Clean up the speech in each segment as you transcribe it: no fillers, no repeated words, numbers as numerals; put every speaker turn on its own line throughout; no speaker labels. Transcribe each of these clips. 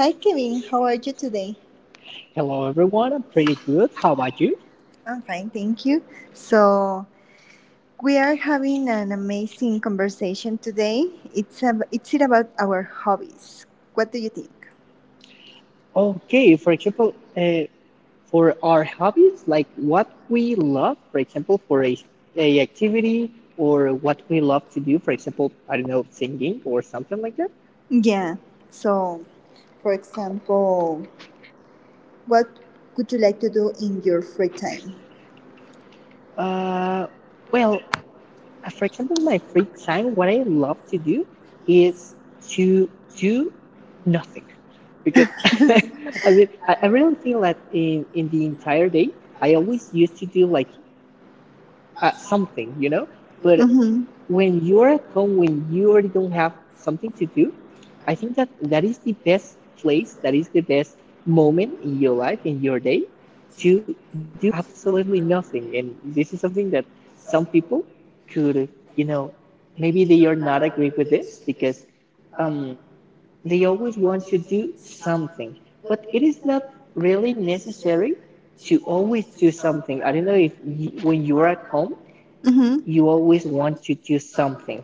Hi Kevin, how are you today?
Hello everyone, I'm pretty good. How about you?
I'm fine, thank you. So we are having an amazing conversation today. It's it about our hobbies. What do you think?
Okay, for example, for our hobbies, like what we love, for example, for a activity or what we love to do, for example, I don't know, singing or something like that.
Yeah. So, for example, what would you like to do in your free time?
Uh, well, for example, my free time, what I love to do is to do nothing, because I mean, I really feel that in the entire day, I always used to do like uh, something, but when you're at home, when you already don't have something to do, I think that that is the best place, that is the best moment in your life, in your day, to do absolutely nothing. And this is something that some people could, you know, maybe they are not agree with this because um, they always want to do something, but it is not really necessary to always do something. I don't know if you, when you're at home,
Mm-hmm.
you always want to do something.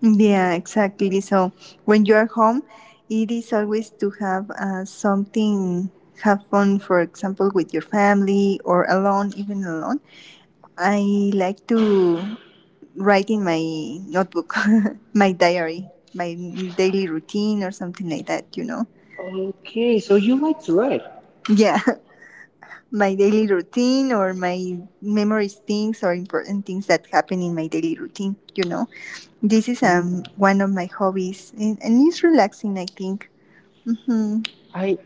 Yeah, exactly. So when you are home, it is always to have something, have fun, for example, with your family or alone, even alone. I like to write in my notebook, my diary, my daily routine or something like that, you know?
Okay, so you like to write.
Yeah, my daily routine or my memories things or important things that happen in my daily routine, you know? This is
Oh,
one of my hobbies and it's relaxing, I think. Hmm hmm
I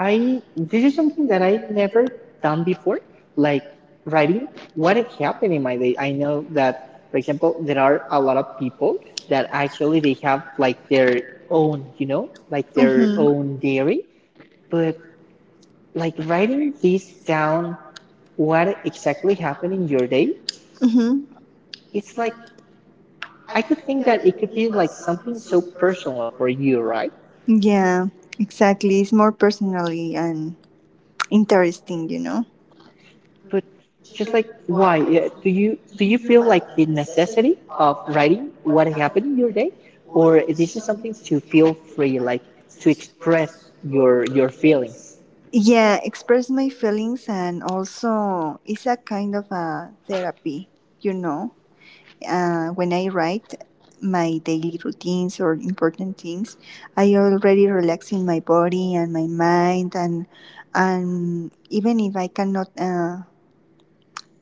I this is something that I never done before. Like writing what it happened in my day. I know that, for example, there are a lot of people that actually they have like their own, you know, like their own diary. But like writing this down, what exactly happened in your day,
hmm.
it's like I could think that it could be like something so personal for you, right?
Yeah, exactly. It's more personally and interesting, you know.
But just like why? Yeah, Do you feel like the necessity of writing what happened in your day, or this is something to feel free, like to express your feelings?
Yeah, express my feelings and also it's a kind of a therapy, you know. When I write my daily routines or important things, I already relaxing my body and my mind, and even if I cannot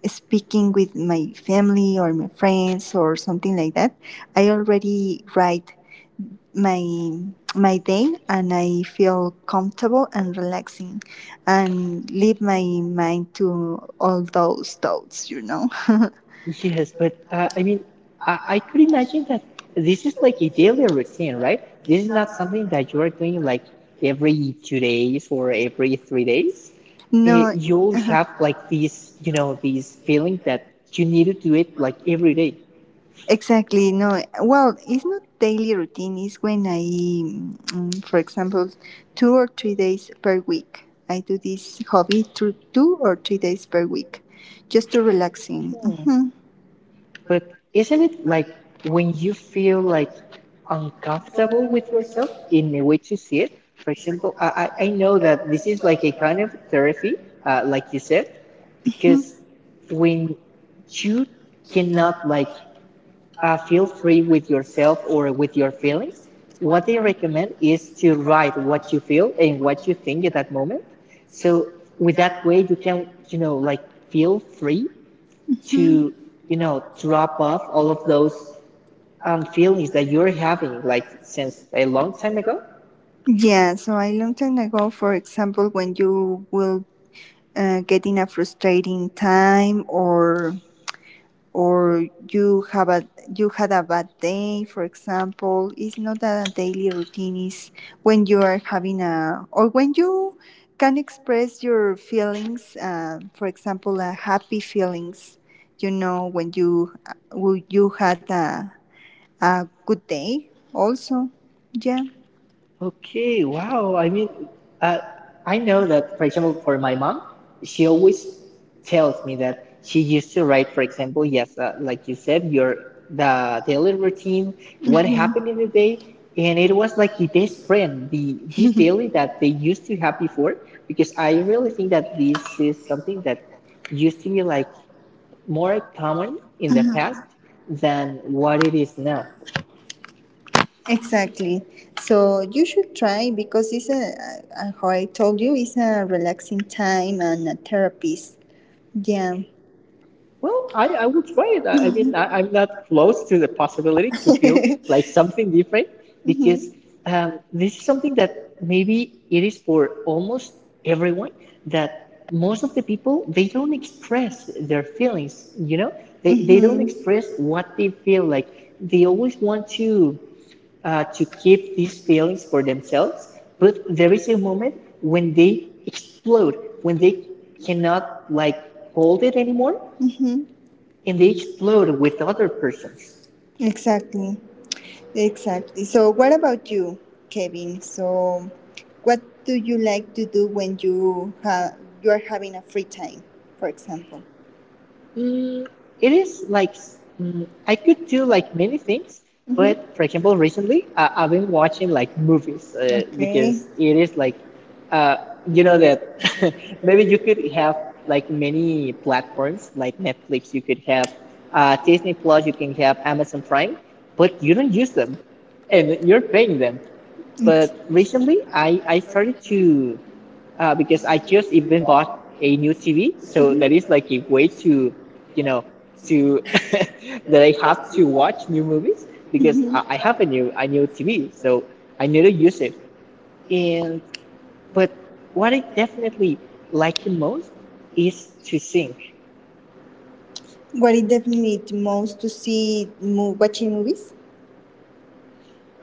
speaking with my family or my friends or something like that, I already write my my day and I feel comfortable and relaxing, and leave my mind to all those thoughts, you know.
Yes, but I mean, I could imagine that this is like a daily routine, right? This is not something that you are doing like every 2 days or every 3 days. Eh,
No.
you'll have
Uh-huh.
like these, you know, these feeling that you need to do it like every day.
Exactly. No. Well, it's not daily routine. For example, 2 or 3 days per week. I do this hobby through 2 or 3 days per week, just to relaxing. Hmm
But isn't it like when you feel like uncomfortable with yourself in the way to see it? For example, I know that this is like a kind of therapy, like you said,
hmm
because when you cannot like feel free with yourself or with your feelings, what they recommend is to write what you feel and what you think at that moment. So with that way, you can, you know, like feel free
hmm.
to drop off all of those feelings that you're having like since a long time ago.
Yeah. So a long time ago, for example, when you will get in a frustrating time or you had a bad day, for example. It's not that a daily routine is when you are having a or when you can express your feelings, for example, happy feelings, you know, when you had a good day also, yeah.
Okay, wow, I mean, uh, I know that, for example, for my mom, she always tells me that she used to write, for example, yes, like you said, your the daily routine, what
Mhm.
happened in the day, and it was like the best friend the this daily that they used to have before, because I really think that this is something that used to be like more common in the past than what it is now.
Exactly. So you should try because how I told you, it's a relaxing time and a therapy. Yeah.
Well, I would try it. I mean, I'm not close to the possibility to feel
Mhm.
like something different because
Mhm.
this is something that maybe it is for almost everyone, that most of the people they don't express their feelings, you know, they don't express what they feel, like they always want to keep these feelings for themselves, but there is a moment when they explode, when they cannot like hold it anymore,
Mhm.
and they explode with other persons.
Exactly. Exactly. So, what about you, Kevin? So, what do you like to do when you are having a free time, for example?
Mm, it is like I could do like many things,
Mhm.
but for example, recently I've been watching like movies
Okay.
because it is like uh, you know that maybe you could have like many platforms like Netflix, you could have Disney Plus, you can have Amazon Prime, but you don't use them and you're paying them. But
It's,
recently I started to because I just even bought a new TV, so that is like a way to, you know, to that I have to watch new movies because I
mhm.
I have a new TV, so I need to use it. And but what I definitely like the most is to sing.
What is definitely the most to watching movies?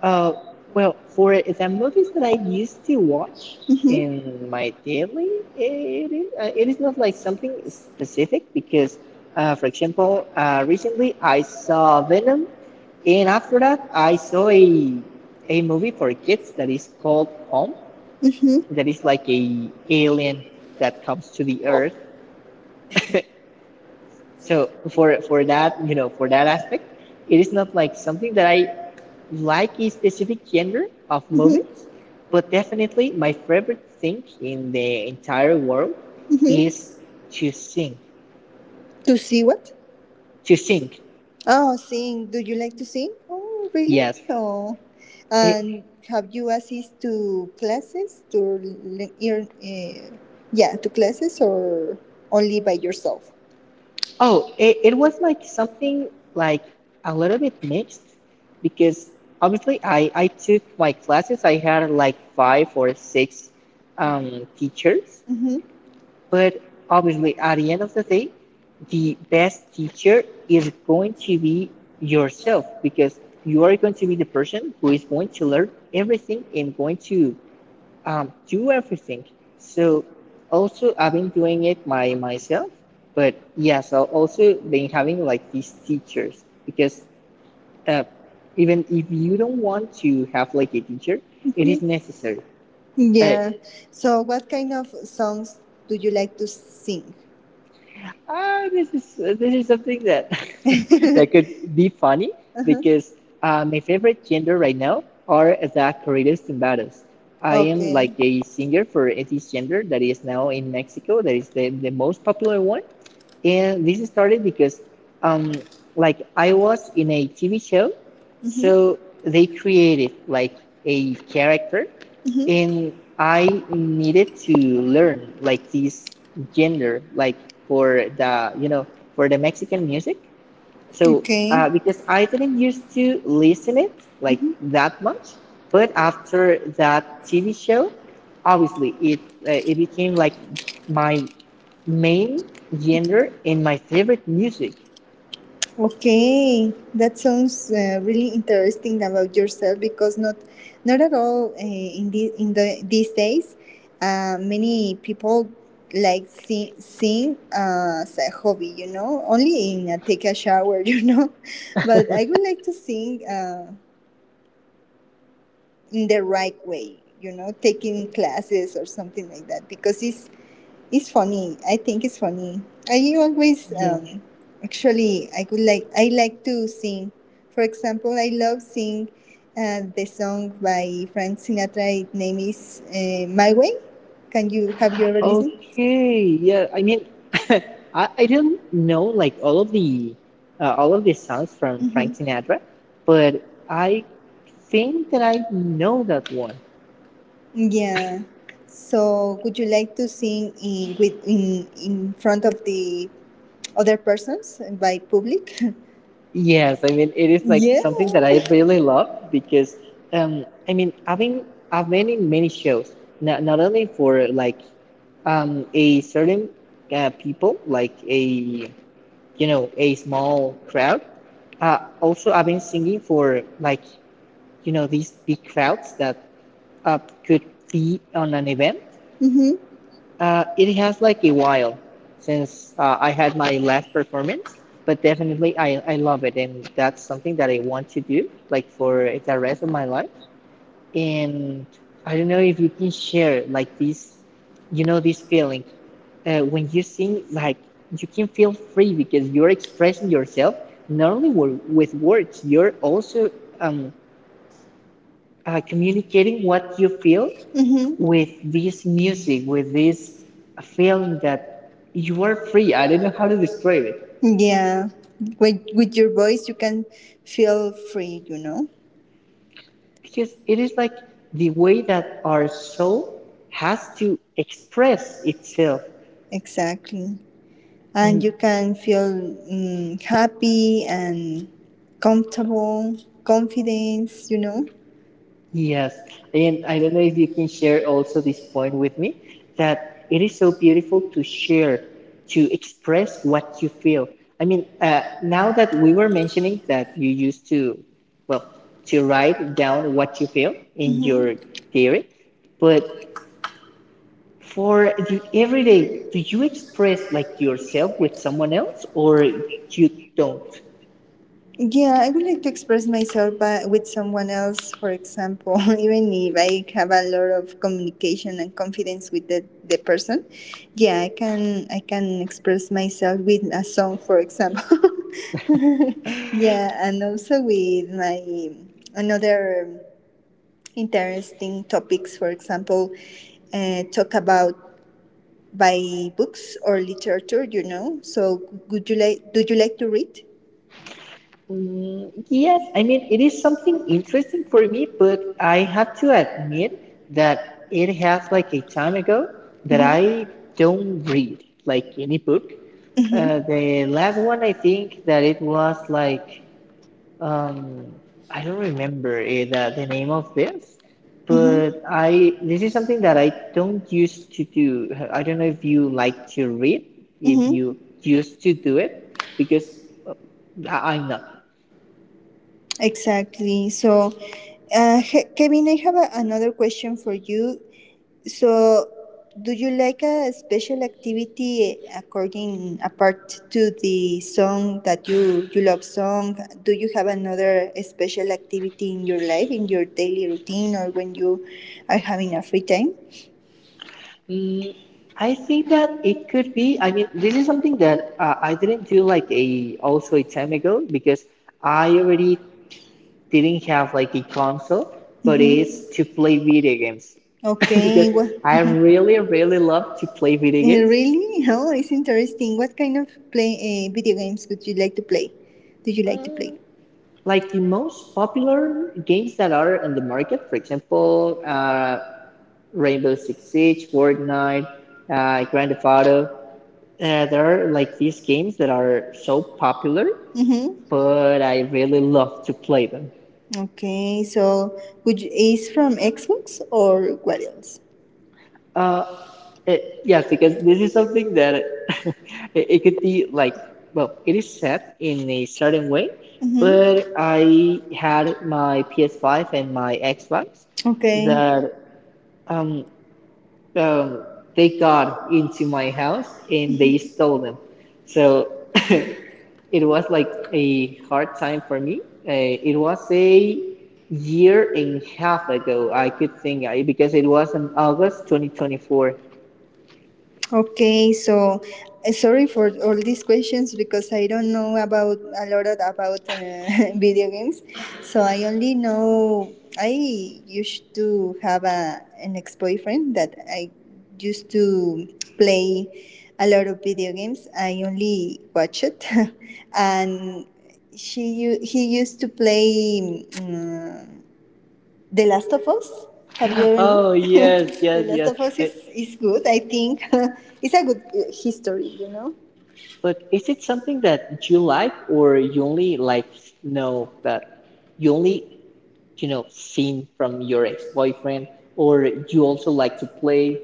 Uh, well, for the movies that I used to watch
Mhm.
in my daily, it is not like something specific because, for example, recently I saw Venom, and after that I saw a movie for kids that is called Home,
Mhm.
that is like a alien that comes to the Earth. So for that, you know, for that aspect, it is not like something that I like a specific genre of
Mhm.
movies, but definitely my favorite thing in the entire world is
Mhm.
to sing.
To see what?
To sing,
Oh, sing. Do you like to sing? Oh, really?
yes.
Oh.
It,
And have you assist to classes to le- ear- eh, yeah, to classes or only by yourself?
oh, it was like something like a little bit mixed because obviously I took my classes. I had like 5 or 6 teachers.
Mm-hmm,
But obviously, at the end of the day, the best teacher is going to be yourself because you are going to be the person who is going to learn everything and going to do everything. So, also, I've been doing it by myself, but yes, I've also been having like these teachers because uh, even if you don't want to have like a teacher, it is
mm-hmm.
necessary. Uh,
Yeah. So what kind of songs do you like to sing?
Ah, this is something that that could
Uh-huh.
be funny because my favorite gender right now are the corridos tumbados. I am like
Okay.
a singer for this gender that is now in Mexico. That is the most popular one, and this started because, um, like I was in a TV show,
Mm-hmm,
so they created like a character,
mm-hmm.
and I needed to learn like this gender, like for the you know for the Mexican music. So
Okay.
because I didn't used to listen it like
Mm-hmm.
that much, but after that TV show, obviously it it became like my main genre in my favorite music.
Okay, that sounds really interesting about yourself because not at all in these days, many people like sing as a hobby, you know, only in a take a shower, you know, but I would like to sing in the right way, you know, taking classes or something like that because it's funny. I think it's funny. I always
Yeah.
Actually I could like I like to sing. For example, I love sing the song by Frank Sinatra. Its name is My Way. Can you Have you ever listened?
Okay. Yeah. I mean, I don't know like all of the songs from Frank
Mm-hmm.
Sinatra, but I think that I know that one.
Yeah. So would you like to sing in with in front of the other persons by public?
Yes, I mean it is like
Yeah.
something that I really love because um I mean I've been in many shows, not not only for like a certain people like a you know a small crowd, also I've been singing for like you know these big crowds that uh, could be on an event.
Mm-hmm.
It has like a while since I had my last performance, but definitely I love it, and that's something that I want to do like for the rest of my life. And I don't know if you can share like this, you know, this feeling. When you sing, like you can feel free because you're expressing yourself not only with words, you're also um, communicating what you feel
Mm-hmm.
with this music, with this feeling that you are free. I don't know how to describe it
Yeah. With your voice you can feel free, you know?
because it is like the way that our soul has to express itself.
Exactly. And
And
you can feel mm, happy and comfortable, confidence, you know?
yes, and I don't know if you can share also this point with me that it is so beautiful to share, to express what you feel. I mean, now that we were mentioning that you used to, well, to write down what you feel in
Hmm.
your diary, but for the everyday, do you express like yourself with someone else or you don't?
Yeah, I would like to express myself with someone else, for example, even if I have a lot of communication and confidence with the person. Yeah, I can express myself with a song, for example. Yeah, and also with my another interesting topics, for example, talk about by books or literature. You know, so would you like? Do you like to read?
Mm, yes, I mean, it is something interesting for me, but I have to admit that it has like a time ago that I
Mhm.
don't read like any book.
Mhm.
The last one, I think that it was like, um, I don't remember the name of this, but I,
Mm-hmm.
this is something that I don't used to do. I don't know if you like to read, if
Mm-hmm.
you used to do it, because uh, I- I'm not.
Exactly. So, Kevin, I have another question for you. So, do you like a special activity according apart to the song that you love song? Do you have another special activity in your life, in your daily routine, or when you are having a free time?
Mm, I think that it could be. I mean, this is something that I didn't do like a also a time ago because I already didn't have like a console, but it's to play video games because
Okay. What?
I really, really love to play video games.
Really? Oh, it's interesting. What kind of play video games would you like to play? Do you like to play?
Uh, like the most popular games that are in the market, for example, Rainbow Six Siege, Fortnite, Grand Theft Auto. There are like these games that are so popular
Mm-hmm.
but I really love to play them.
Okay. So, would you, is from Xbox or what else?
Uh, it, yes, because this is something that it could be like, well, it is set in a certain way, but
Mm-hmm.
I had my PS5 and my Xbox
Okay.
that um, um, they got into my house and they stole them. So it was like a hard time for me. It was a year and a half ago. I could think I because it was in August 2024.
Okay, so sorry for all these questions because I don't know about a lot of, about video games. So I only know I used to have a an ex boyfriend that I used to play a lot of video games. I only watch it, and he used to play. The Last of Us. Have you ever
Oh
known?
yes,
The
yes,
Last
yes.
of Us
Uh,
is good, I think. It's a good history, you know?
but is it something that you like, or you only like know that you only seen from your ex-boyfriend, or you also like to play?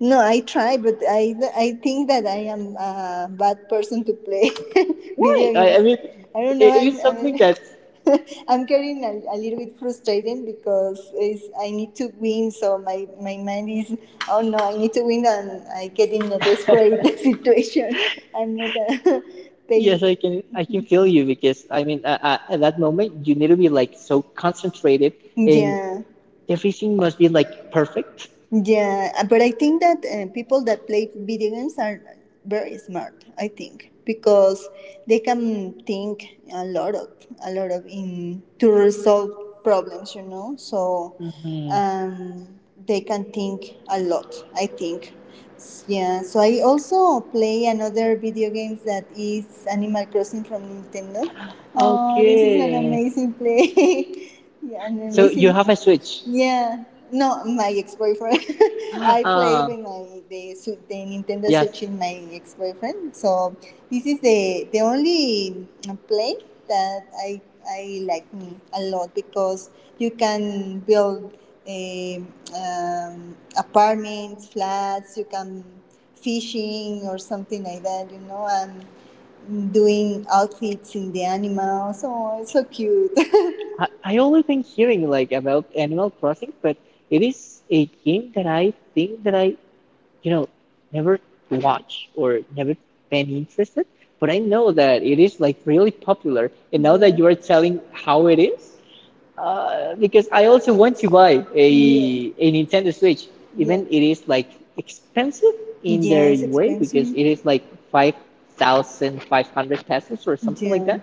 No, I try, but I think that I am a bad person to play
Why?
video
I,
games.
I mean,
I don't know.
it is something that
I'm getting a little bit frustrated because I need to win, so my mind is, oh no, I need to win, and I get in a desperate situation. I'm not a
yes, I
patient.
can. I can feel you because I mean, at that moment, you need to be like so concentrated, and
Yeah.
everything must be like perfect.
Yeah, but I think that people that play video games are very smart. I think because they can think a lot of in to resolve problems. You know, so
Hmm.
um, they can think a lot. I think. Yeah, so I also play another video games that is Animal Crossing from Nintendo. Oh, this is an
Okay.
amazing play. Yeah, an
So you
amazing.
have a switch.
Yeah, no, my ex-boyfriend. I played
Uh,
with my the the Nintendo
yes.
Switch in my ex-boyfriend. So this is the only play that I like me a lot because you can build a apartments, flats. You can fishing or something like that. You know, and doing outfits in the animals. Oh, it's so cute.
I only been hearing like about Animal Crossing, but it is a game that I think that I, you know, never watch or never been interested. But I know that it is like really popular, and now that you are telling how it is. Because I also want to buy a
Yeah.
a Nintendo Switch, even
Yeah.
it is like expensive in
Yeah,
their
it's
way because
expensive.
it is like 5,500 pesos or something like that.
Yeah.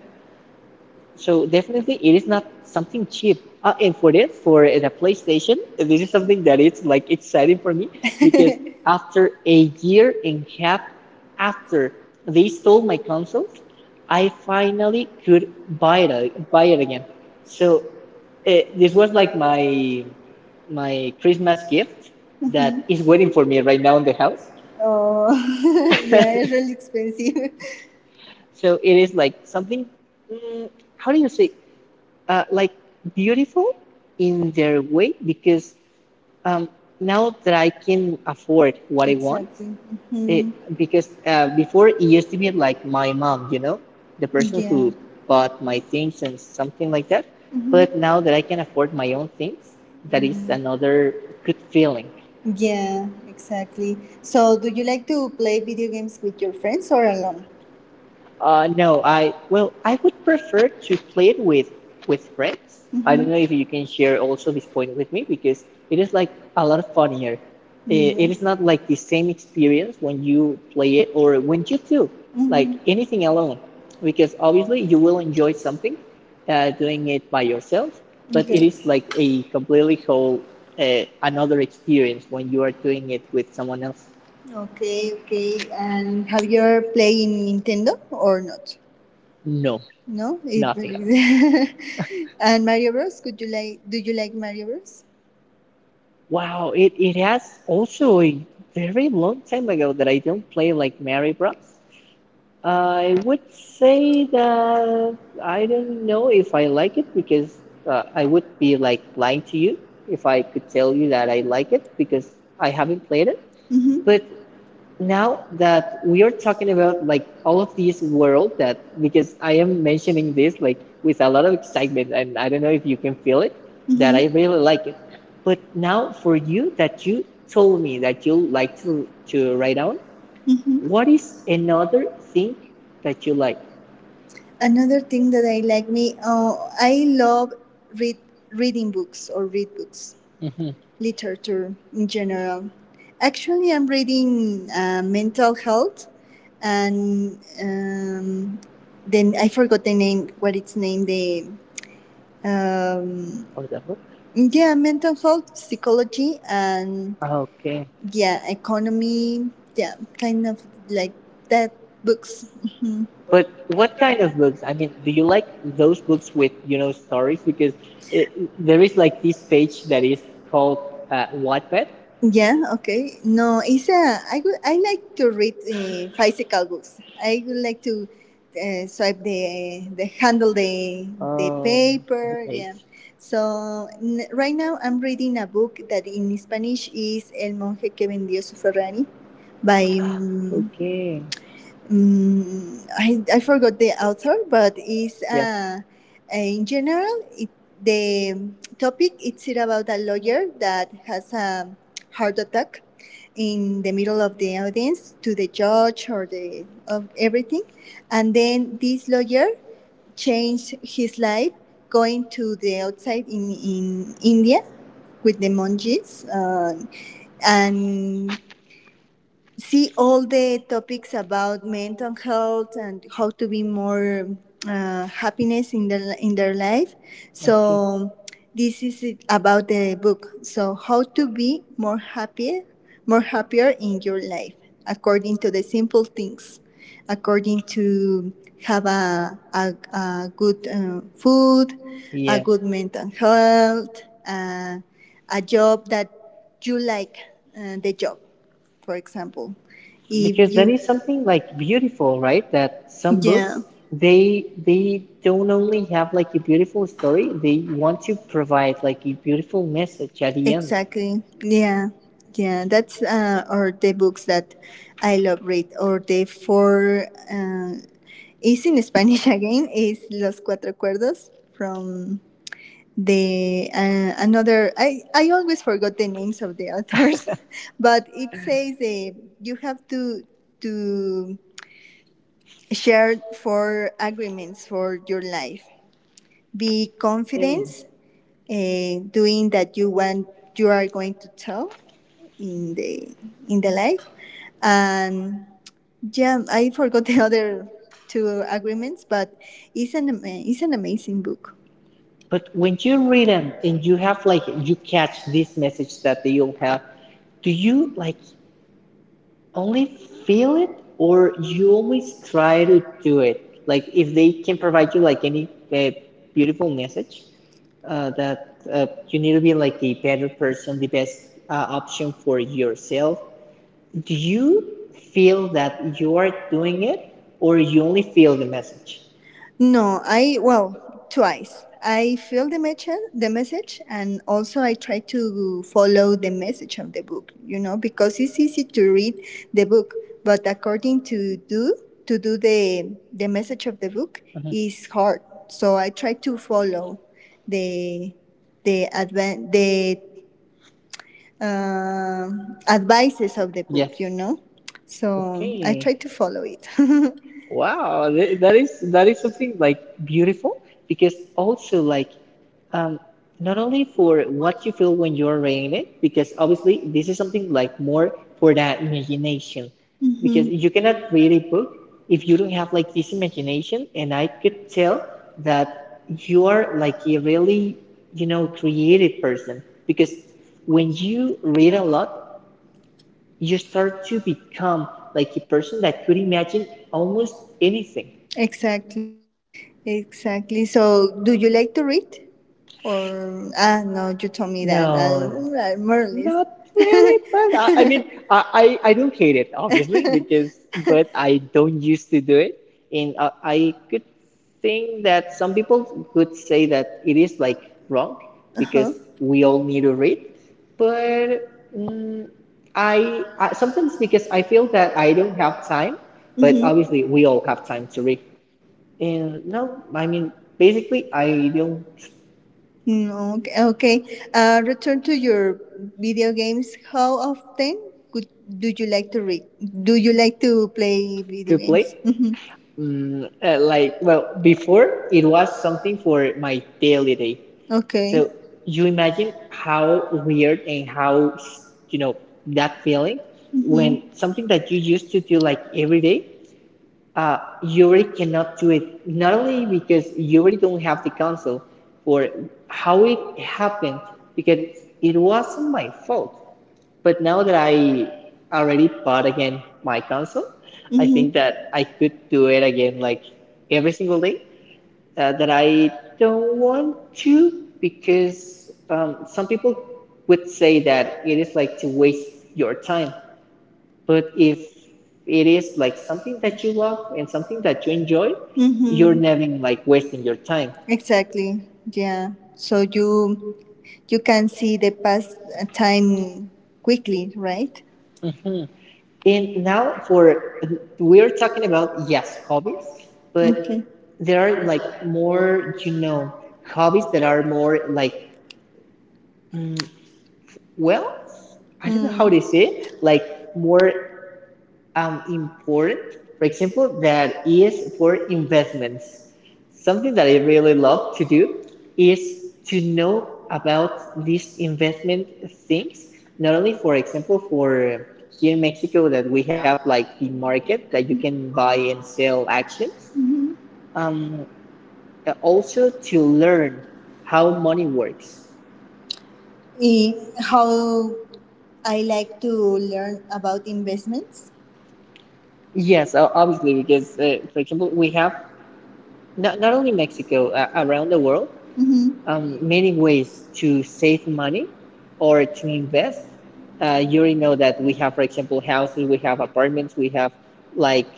So definitely it is not something cheap. And for this, for the PlayStation, this is something that is like exciting for me because after a year and a half after they stole my consoles, I finally could buy it again. So this was like my Christmas gift that
Mhm.
is waiting for me right now in the house.
Oh, yeah, it's really expensive.
So it is like something. mm, how do you say? Like beautiful in their way because um, now that I can afford what I want,
Exactly.
it,
Hmm.
because before it used to be like my mom, you know, the person
Yeah.
who bought my things and something like that. But
Mhm.
now that I can afford my own things, that is
Mm.
another good feeling.
Yeah, exactly. So, do you like to play video games with your friends or alone?
No, I well, I would prefer to play it with friends. I don't know if you can share also this point with me because it is like a lot funnier. It is
Yes.
not like the same experience when you play it or when you do like
Mhm.
anything alone, because obviously you will enjoy something doing it by yourself, but it
Okay.
is like a completely whole another experience when you are doing it with someone else.
Okay, okay. And have you ever played in Nintendo or not?
No,
No, it
nothing.
really. And Mario Bros. Could you like? Do you like Mario Bros?
Wow, it has also a very long time ago that I don't play like Mario Bros. I would say that I don't know if I like it because I would be like lying to you if I could tell you that I like it because I haven't played it.
Mm-hmm.
But now that we are talking about like all of this world that because I am mentioning this like with a lot of excitement and I don't know if you can feel it that I really like it. But now for you that you told me that you like to write down,
Mm-hmm.
what is another thing that you like?
Another thing that I like me, I love read reading books or read books,
Hmm.
literature in general. Actually, I'm reading mental health, and then I forgot the name. What its name? The um,
Of the book?
yeah, mental health, psychology, and
Okay.
yeah, economy. Yeah, kind of like that books.
But what kind of books? I mean, do you like those books with, you know, stories? Because it, there is like this page that is called Wattpad.
Yeah, okay. No, it's a, I would, I like to read physical books. I would like to swipe the the
Oh,
paper.
right.
Yeah. So right now I'm reading a book that in Spanish is El monje que vendió su Ferrari by mm,
Okay.
Mm, I forgot the author, but it's
Yeah.
in general the topic it's about a lawyer that has a heart attack in the middle of the audience to the judge or the of everything, and then this lawyer changed his life going to the outside in India with the monkeys. And see all the topics about mental health and how to be more happiness in their life.
Okay.
So this is it about the book. So how to be more happier in your life according to the simple things, according to have a good food, a
Yeah.
good mental health, uh, a job that you like the job, for example.
Because
If
that
you,
is something like beautiful, right? That some
yeah.
books they don't only have like a beautiful story, they want to provide like a beautiful message at the end.
Exactly. Yeah. Yeah. That's or the books that I love read or the four is in Spanish again is Los Cuatro Cuerdos from the another I always forgot the names of the authors but it says you have to share four agreements for your life, be
Yeah.
confident doing that you want you are going to tell in the in the life. And yeah, I forgot the other two agreements, but it's an amazing book.
But when you read them and you have like you catch this message that they all have, do you like only feel it or you always try to do it? Like if they can provide you like any uh, beautiful message that you need to be like the better person, the best option for yourself, do you feel that you are doing it or you only feel the message?
No, I well twice. I feel the message, and also I try to follow the message of the book. You know, because it's easy to read the book, but according to do the message of the book
Mhm.
is hard. So I try to follow the the advan- the uh, advices of the
Yes.
book, you know. So I
Okay.
try to follow it. Hmm.
Wow, that is something like beautiful because also like um not only for what you feel when you're reading it, because obviously this is something like more for that imagination. Because you
You
cannot
cannot
read a
read a
book
book
if
if
you don't
you
have
have
like
like
this imagination, and I
I
could
could
tell
tell
that
that
you
you
are
are
like
like
a
you really,
really, you
you
know,
know,
creative
creative person.
person
You
because when you read
read
a
a
lot,
lot.
you start to become like a person that could imagine almost anything.
Exactly, exactly. So do you like to read? Or ah no, you told me that.
No,
I'll more or less.
not really. But I mean, I don't hate it, obviously, because, but I don't used to do it. And I could think that some people could say that it is like wrong
Uh
because
huh.
we all need to read. But
but
mm, I,
I
I
I
sometimes
sometimes
because
because
I
I
feel
feel
that
that
I
I
don't
don't
have
have
time,
time. But
but
Mhm.
obviously
probably
we
We
all
all
have time to read. And no, I mean, basically, I don't
Mm-hmm. Okay. okay. Return to your video games. How often could, do you like to read? Do you like to play video
to
games?
play.
Mm-hmm.
Like, well, before it was something for my daily day.
Okay.
So you imagine how weird and how, you know, that feeling when
Mm-hmm.
something that you used to do like every day, you already cannot do it. Not only because you already don't have the console for how it happened, because it wasn't my fault. But now that I already bought again my console, I think that I could do
Mm-hmm.
it again like every single day. That I don't want to because some people would say that it is like to waste your time. But if it is like something that you love and something that you enjoy, you're never
Mm-hmm.
like wasting your time.
Exactly. Yeah. So you can see the past time quickly, right?
Mhm. And now for we are talking about yes hobbies, but
But
there are like more, you know, hobbies that are more like, mm, well, I don't know
Mm.
how to say it, like more important. For example, that is for investments. Something that I really love to do is to know about these investment things. Not only, for example, for here in Mexico that we have like the market that you can buy and sell actions. Um, Also to learn how money works.
I- How I like to learn about investments.
Yes, obviously, because for example, we have not only Mexico, around the world,
Mm-hmm.
many ways to save money or to invest. You already know that we have, for example, houses, we have apartments, we have like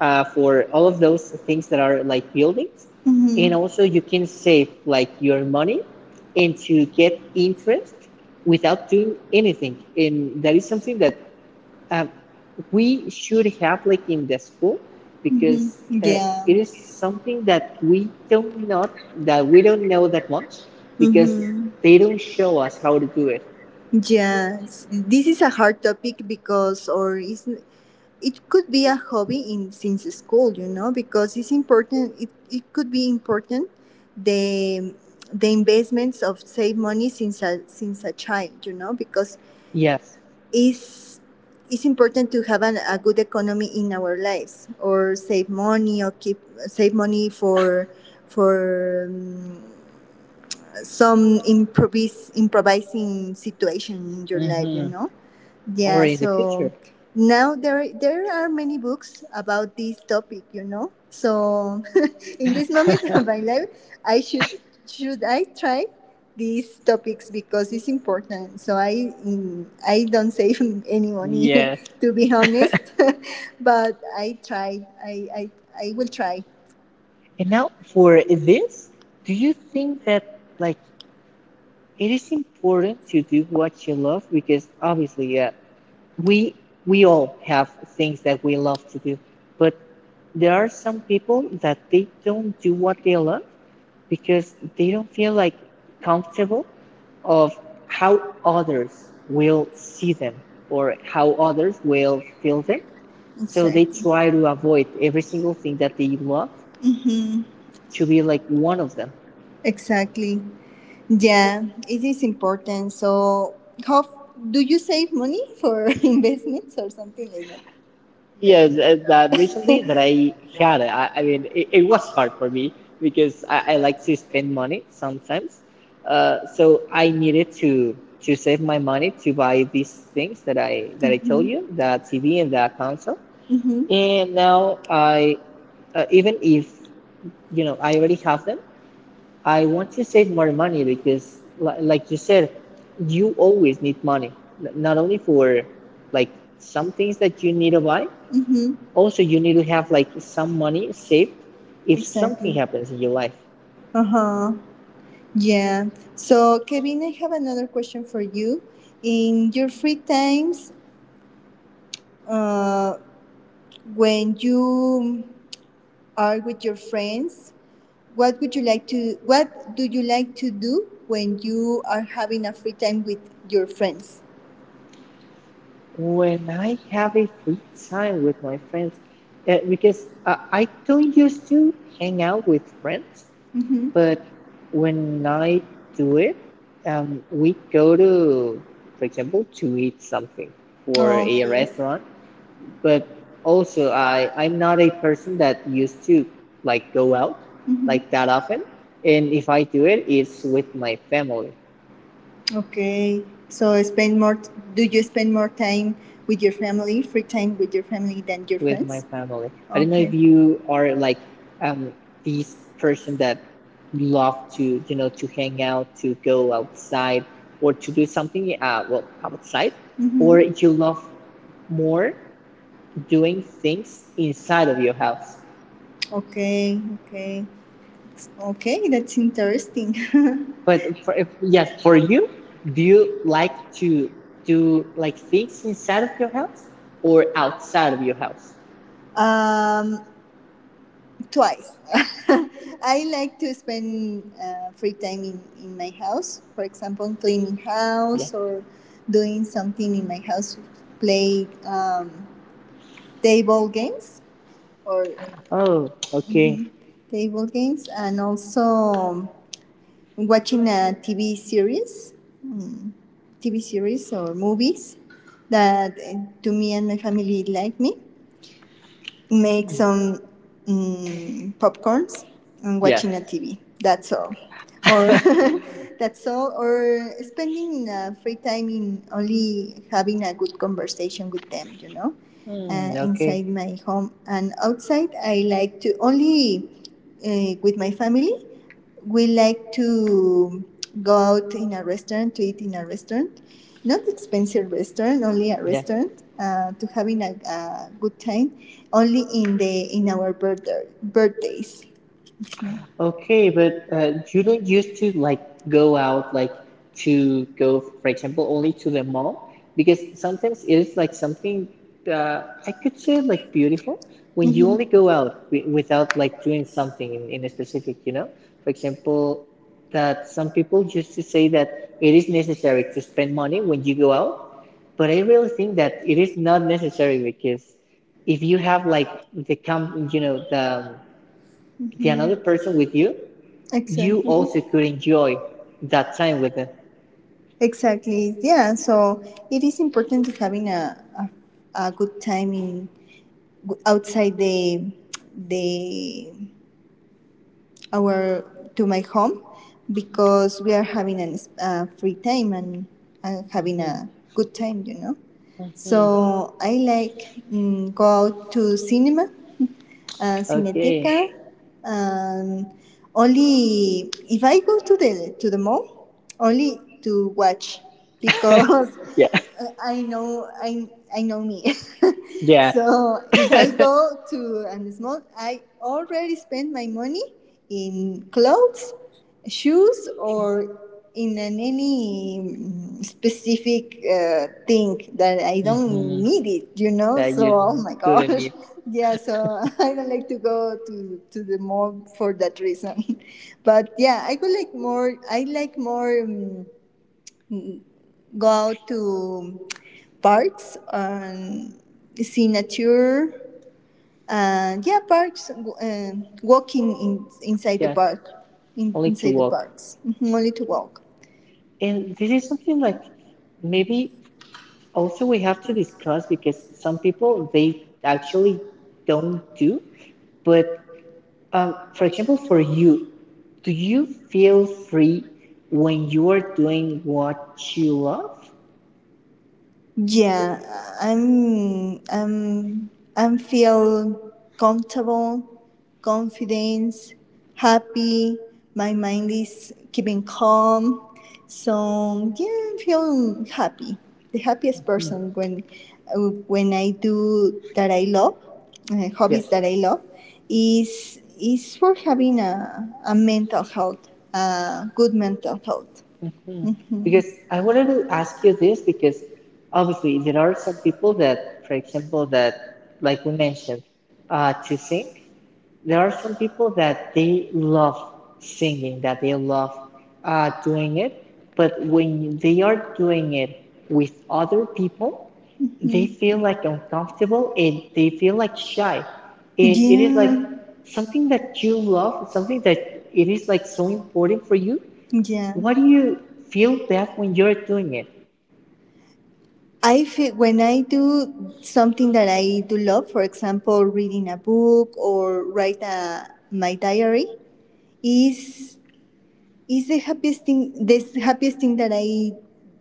for all of those things that are like buildings. And
Mm-hmm.
also, you can save like your money and to get interest without doing anything. And that is something that um, we should have like in the school
hmm
because uh,
Yeah.
it is something that we don't not that we don't know that much because
hmm
they don't show us how to do it.
Yes, this is a hard topic because, or is it could be a hobby in since school, you know, because it's important. It could be important the the investments of save money since a child, you know, because
Yes.
is it's important to have an, a good economy in our lives or save money or keep save money for for some improvising situation in your life, you
Mm-hmm.
know?
Or
Yeah,
in the
so
future.
now there are many books about this topic, you know. So in this moment of my life, I should I try these topics because it's important. So I I don't save any money
Yes.
to be honest, but I try. I will try.
And now for this, do you think that like it is important to do what you love because obviously we we all have things that we love to do but there are some people that they don't do what they love because they don't feel like comfortable of how others will see them or how others will feel them, so they
Exactly.
try to avoid every single thing that they love
Mm-hmm.
to be like one of them.
Exactly. Yeah, it is important. So, how f- do you save money for investments or something like that?
Yes. That recently that i had i, I mean it was hard for me because I like to spend money sometimes, so I needed to save my money to buy these things that I told you, that tv and that console.
Mm-hmm.
And now even if you know I already have them, I want to save more money because, like you said, you always need money. Not only for like some things that you need to buy,
Mm-hmm.
also you need to have like some money saved if something
Exactly.
happens in your life.
Uh huh. Yeah. So, Kevin, I have another question for you. In your free times, uh, when you are with your friends, what do you like to do when you are having a free time with your friends?
When I have a free time with my friends, because I don't used to hang out with friends.
Mm-hmm.
But when I do it, we go to, for example, to eat something for
Oh,
a
okay.
restaurant. But
But
also,
also,
I'm
I'm
not
not
a
a
person that used to
student, like,
like go out
well, Mhm.
like
like,
that often. And if I do it, it's with my family.
Okay. So do you spend more time with your family, free time with your family than your
With my
friends?
family. I don't know if
Okay.
you are like um these person that love to you know to hang out, to go outside, or to do something well outside, or you
Mhm.
love more doing things inside of your house.
Okay, okay. Okay, that's interesting.
But for yes, for you, do you like to do like things inside of your house or outside of your house?
Um, twice. I like to spend free time in my house. For example, cleaning
Yeah.
house or doing something in my house, play table games or
Oh, okay.
table games, and also watching a TV series, TV series or movies that to me and my family like me. Make
Mm.
some popcorns and
Yes.
watching a TV. That's all. Or that's all. Or spending free time in only having a good conversation with them. You know,
Mm, okay.
inside my home and outside, I like to only with my family. We like to go out in a restaurant to eat in a restaurant not expensive restaurant, only a
Yeah.
restaurant to having a good time, only in our birthdays. Mm.
Okay, but you don't used to like go out like to go, for example, only to the mall because sometimes it is like something uh, I could say like beautiful when you
Mhm.
only go out without like doing something in a specific, you know? For example, that some people used to say that it is necessary to spend money when you go out, but I really think that it is not necessary because if you have like you know, the another person with you, you
Exactly.
also could
Mhm.
enjoy that time with them.
Exactly. Yeah. So it is important to having a good time in outside the our to my home because we are having a free time and having
Mhm.
a good time, you know.
Mhm.
So I like go out to cinema
Okay.
Cineteca. Um, only if I go to the mall, only to watch because
Yeah.
uh, I know I I know me. so if I
Yeah.
go to a small, I already spend my money in clothes, shoes or in an any specific thing that I don't
Hmm.
need it, you know?
That you
So, oh my
didn't
gosh.
need.
Yeah, so I don't like to go to the mall for that reason. But yeah, I would like more, I like more go out to parks and see nature. And yeah, parks, walking inside the
Yes.
park,
Only to
inside the
walk.
parks, Mhm, only to walk.
And this is something like maybe also we have to discuss because some people they actually don't do. But for example, for you, do you feel free when you are doing what you love?
Yeah, I'm I'm I'm feel comfortable, confidence, happy. My mind is keeping calm. So yeah, I feel happy. The happiest
Mm.
person when I do that I love,
Yes.
hobbies that I love, is for having a mental health, a good mental health.
Mhm.
Hmm
Because I wanted to ask you this because obviously there are some people that, for example, that like we mentioned, to sing. There are some people that they love singing, that they love doing it, but when they are doing it with other people, they feel like uncomfortable and they feel like shy. And it is like
Yeah.
something that you love, something that it is like so important for you,
Yeah.
why do you feel bad when you're doing it?
I feel when I do something that I do love, for example, reading a book or write my diary, is it's the happiest thing that I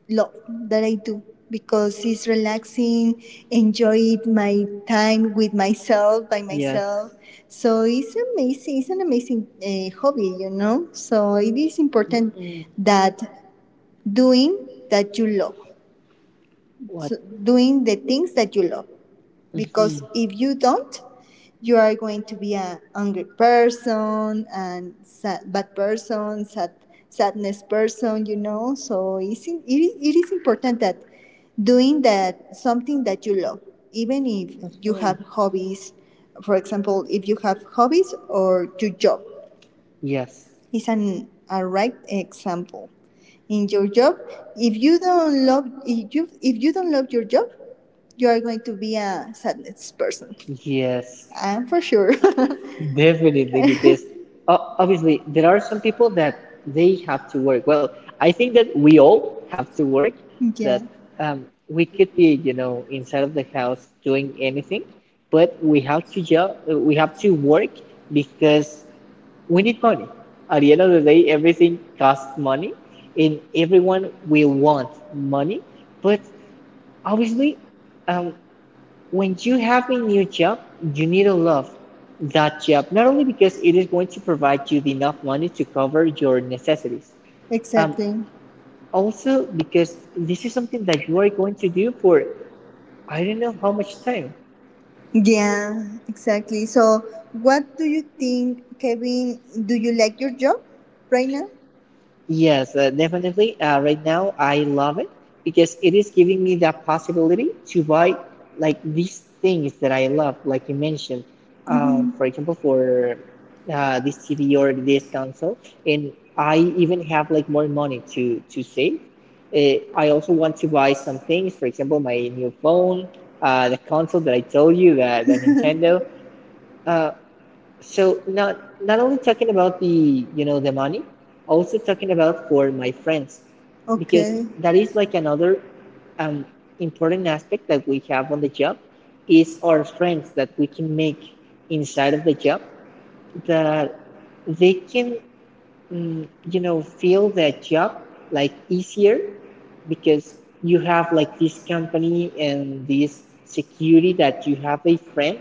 love, that I do, because it's relaxing, enjoy my time with myself, by
Yes.
myself. So it's amazing, it's an amazing hobby, you know? So it is important
Hmm.
that doing that you love,
What?
so doing the things that you love, because
Hmm.
if you don't you are going to be an angry person and sad, bad person sad sadness person you know so it is important that doing that something that you love, even if you
Hmm.
have hobbies, for example if you have hobbies or your job
Yes.
is an a right example in your job if you don't love if you don't love your job you are going to be a sadness person.
Yes.
I'm for sure.
Definitely, because obviously there are some people that they have to work. Well, I think that we all have to work. That
yeah,
we could be, you know, inside of the house doing anything, but we have to job. We have to work because we need money. At the end of the day, everything costs money, and everyone will want money. But obviously, um, when you have a new job, you need to love that job, not only because it is going to provide you the enough money to cover your necessities, um,
exactly.
also because this is something that you are going to do for I don't know how much time.
Yeah, exactly. So, what do you think, Kevin? Do you like your job right now?
Yes, definitely. Right now, I love it because it is giving me that possibility to buy like these things that I love, like you mentioned.
Mm-hmm.
For example, for this TV or this console, and I even have like more money to save. I also want to buy some things. For example, my new phone, the console that I told you, the Nintendo. Uh, so not only talking about the, you know, the money, also talking about for my friends, because
Okay.
that is like another um, important aspect that we have on the job is our friends that we can make inside of the job that they can, you know, feel their job like easier because you have like this company and this security that you have a friend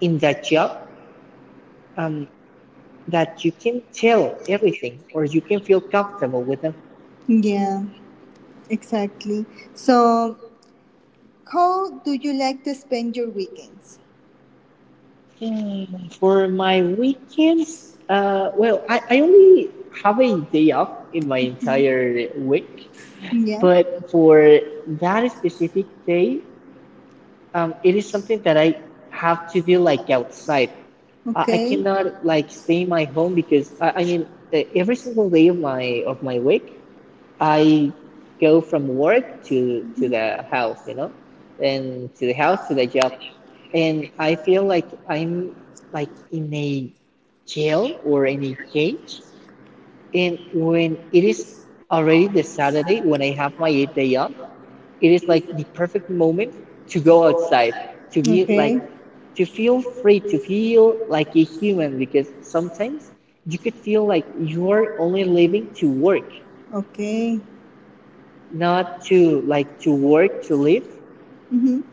in that job. Um, that you can tell everything or you can feel comfortable with them.
Yeah, exactly. So, how do you like to spend your weekends?
Hmm. For my weekends, well, I only have a day off in my entire week,
Yeah.
but for that specific day, it is something that I have to do like outside. I
Okay.
cannot like stay in my home because I mean, every single day of my week, I go from work to the house, you know, and to the house to the job, and I feel like I'm like in a jail or in a cage. And when it is already the Saturday, when I have my eighth day off, it is like the perfect moment to go outside, to be
Okay.
like, to feel free, to feel like a human, because sometimes you could feel like you are only living to work,
Okay.
not to like to work to live,
Mm-hmm.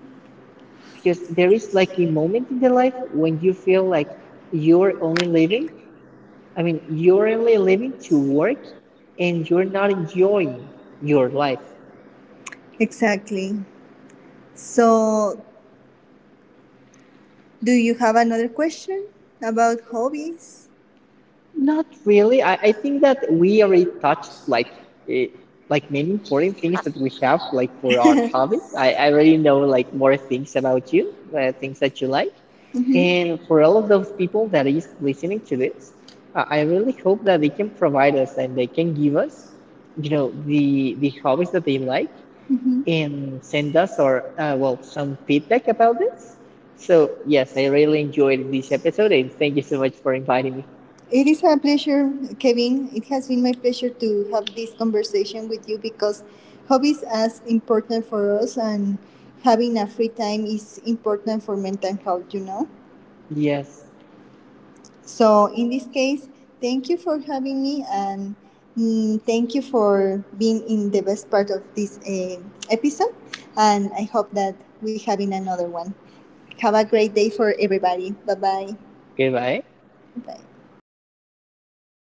because there is like a moment in the life when you feel like you're only living, I mean you're only living to work, and you're not enjoying your life.
Exactly. So, do you have another question about hobbies?
Not really. I think that we already touched like eh, like many important things that we have like for our hobbies. I already know like more things about you, things that you like. And for all of those people that is listening to this, I really hope that they can provide us and they can give us, you know, the hobbies that they like
Mm-hmm.
and send us or well, some feedback about this. So yes, I really enjoyed this episode and thank you so much for inviting me.
It is a pleasure, Kevin. It has been my pleasure to have this conversation with you because hobbies are important for us and having a free time is important for mental health, you know.
Yes,
So in this case, thank you for having me and thank you for being in the best part of this episode. And I hope that we have in another one. Have a great day for everybody. Bye bye
goodbye.
bye.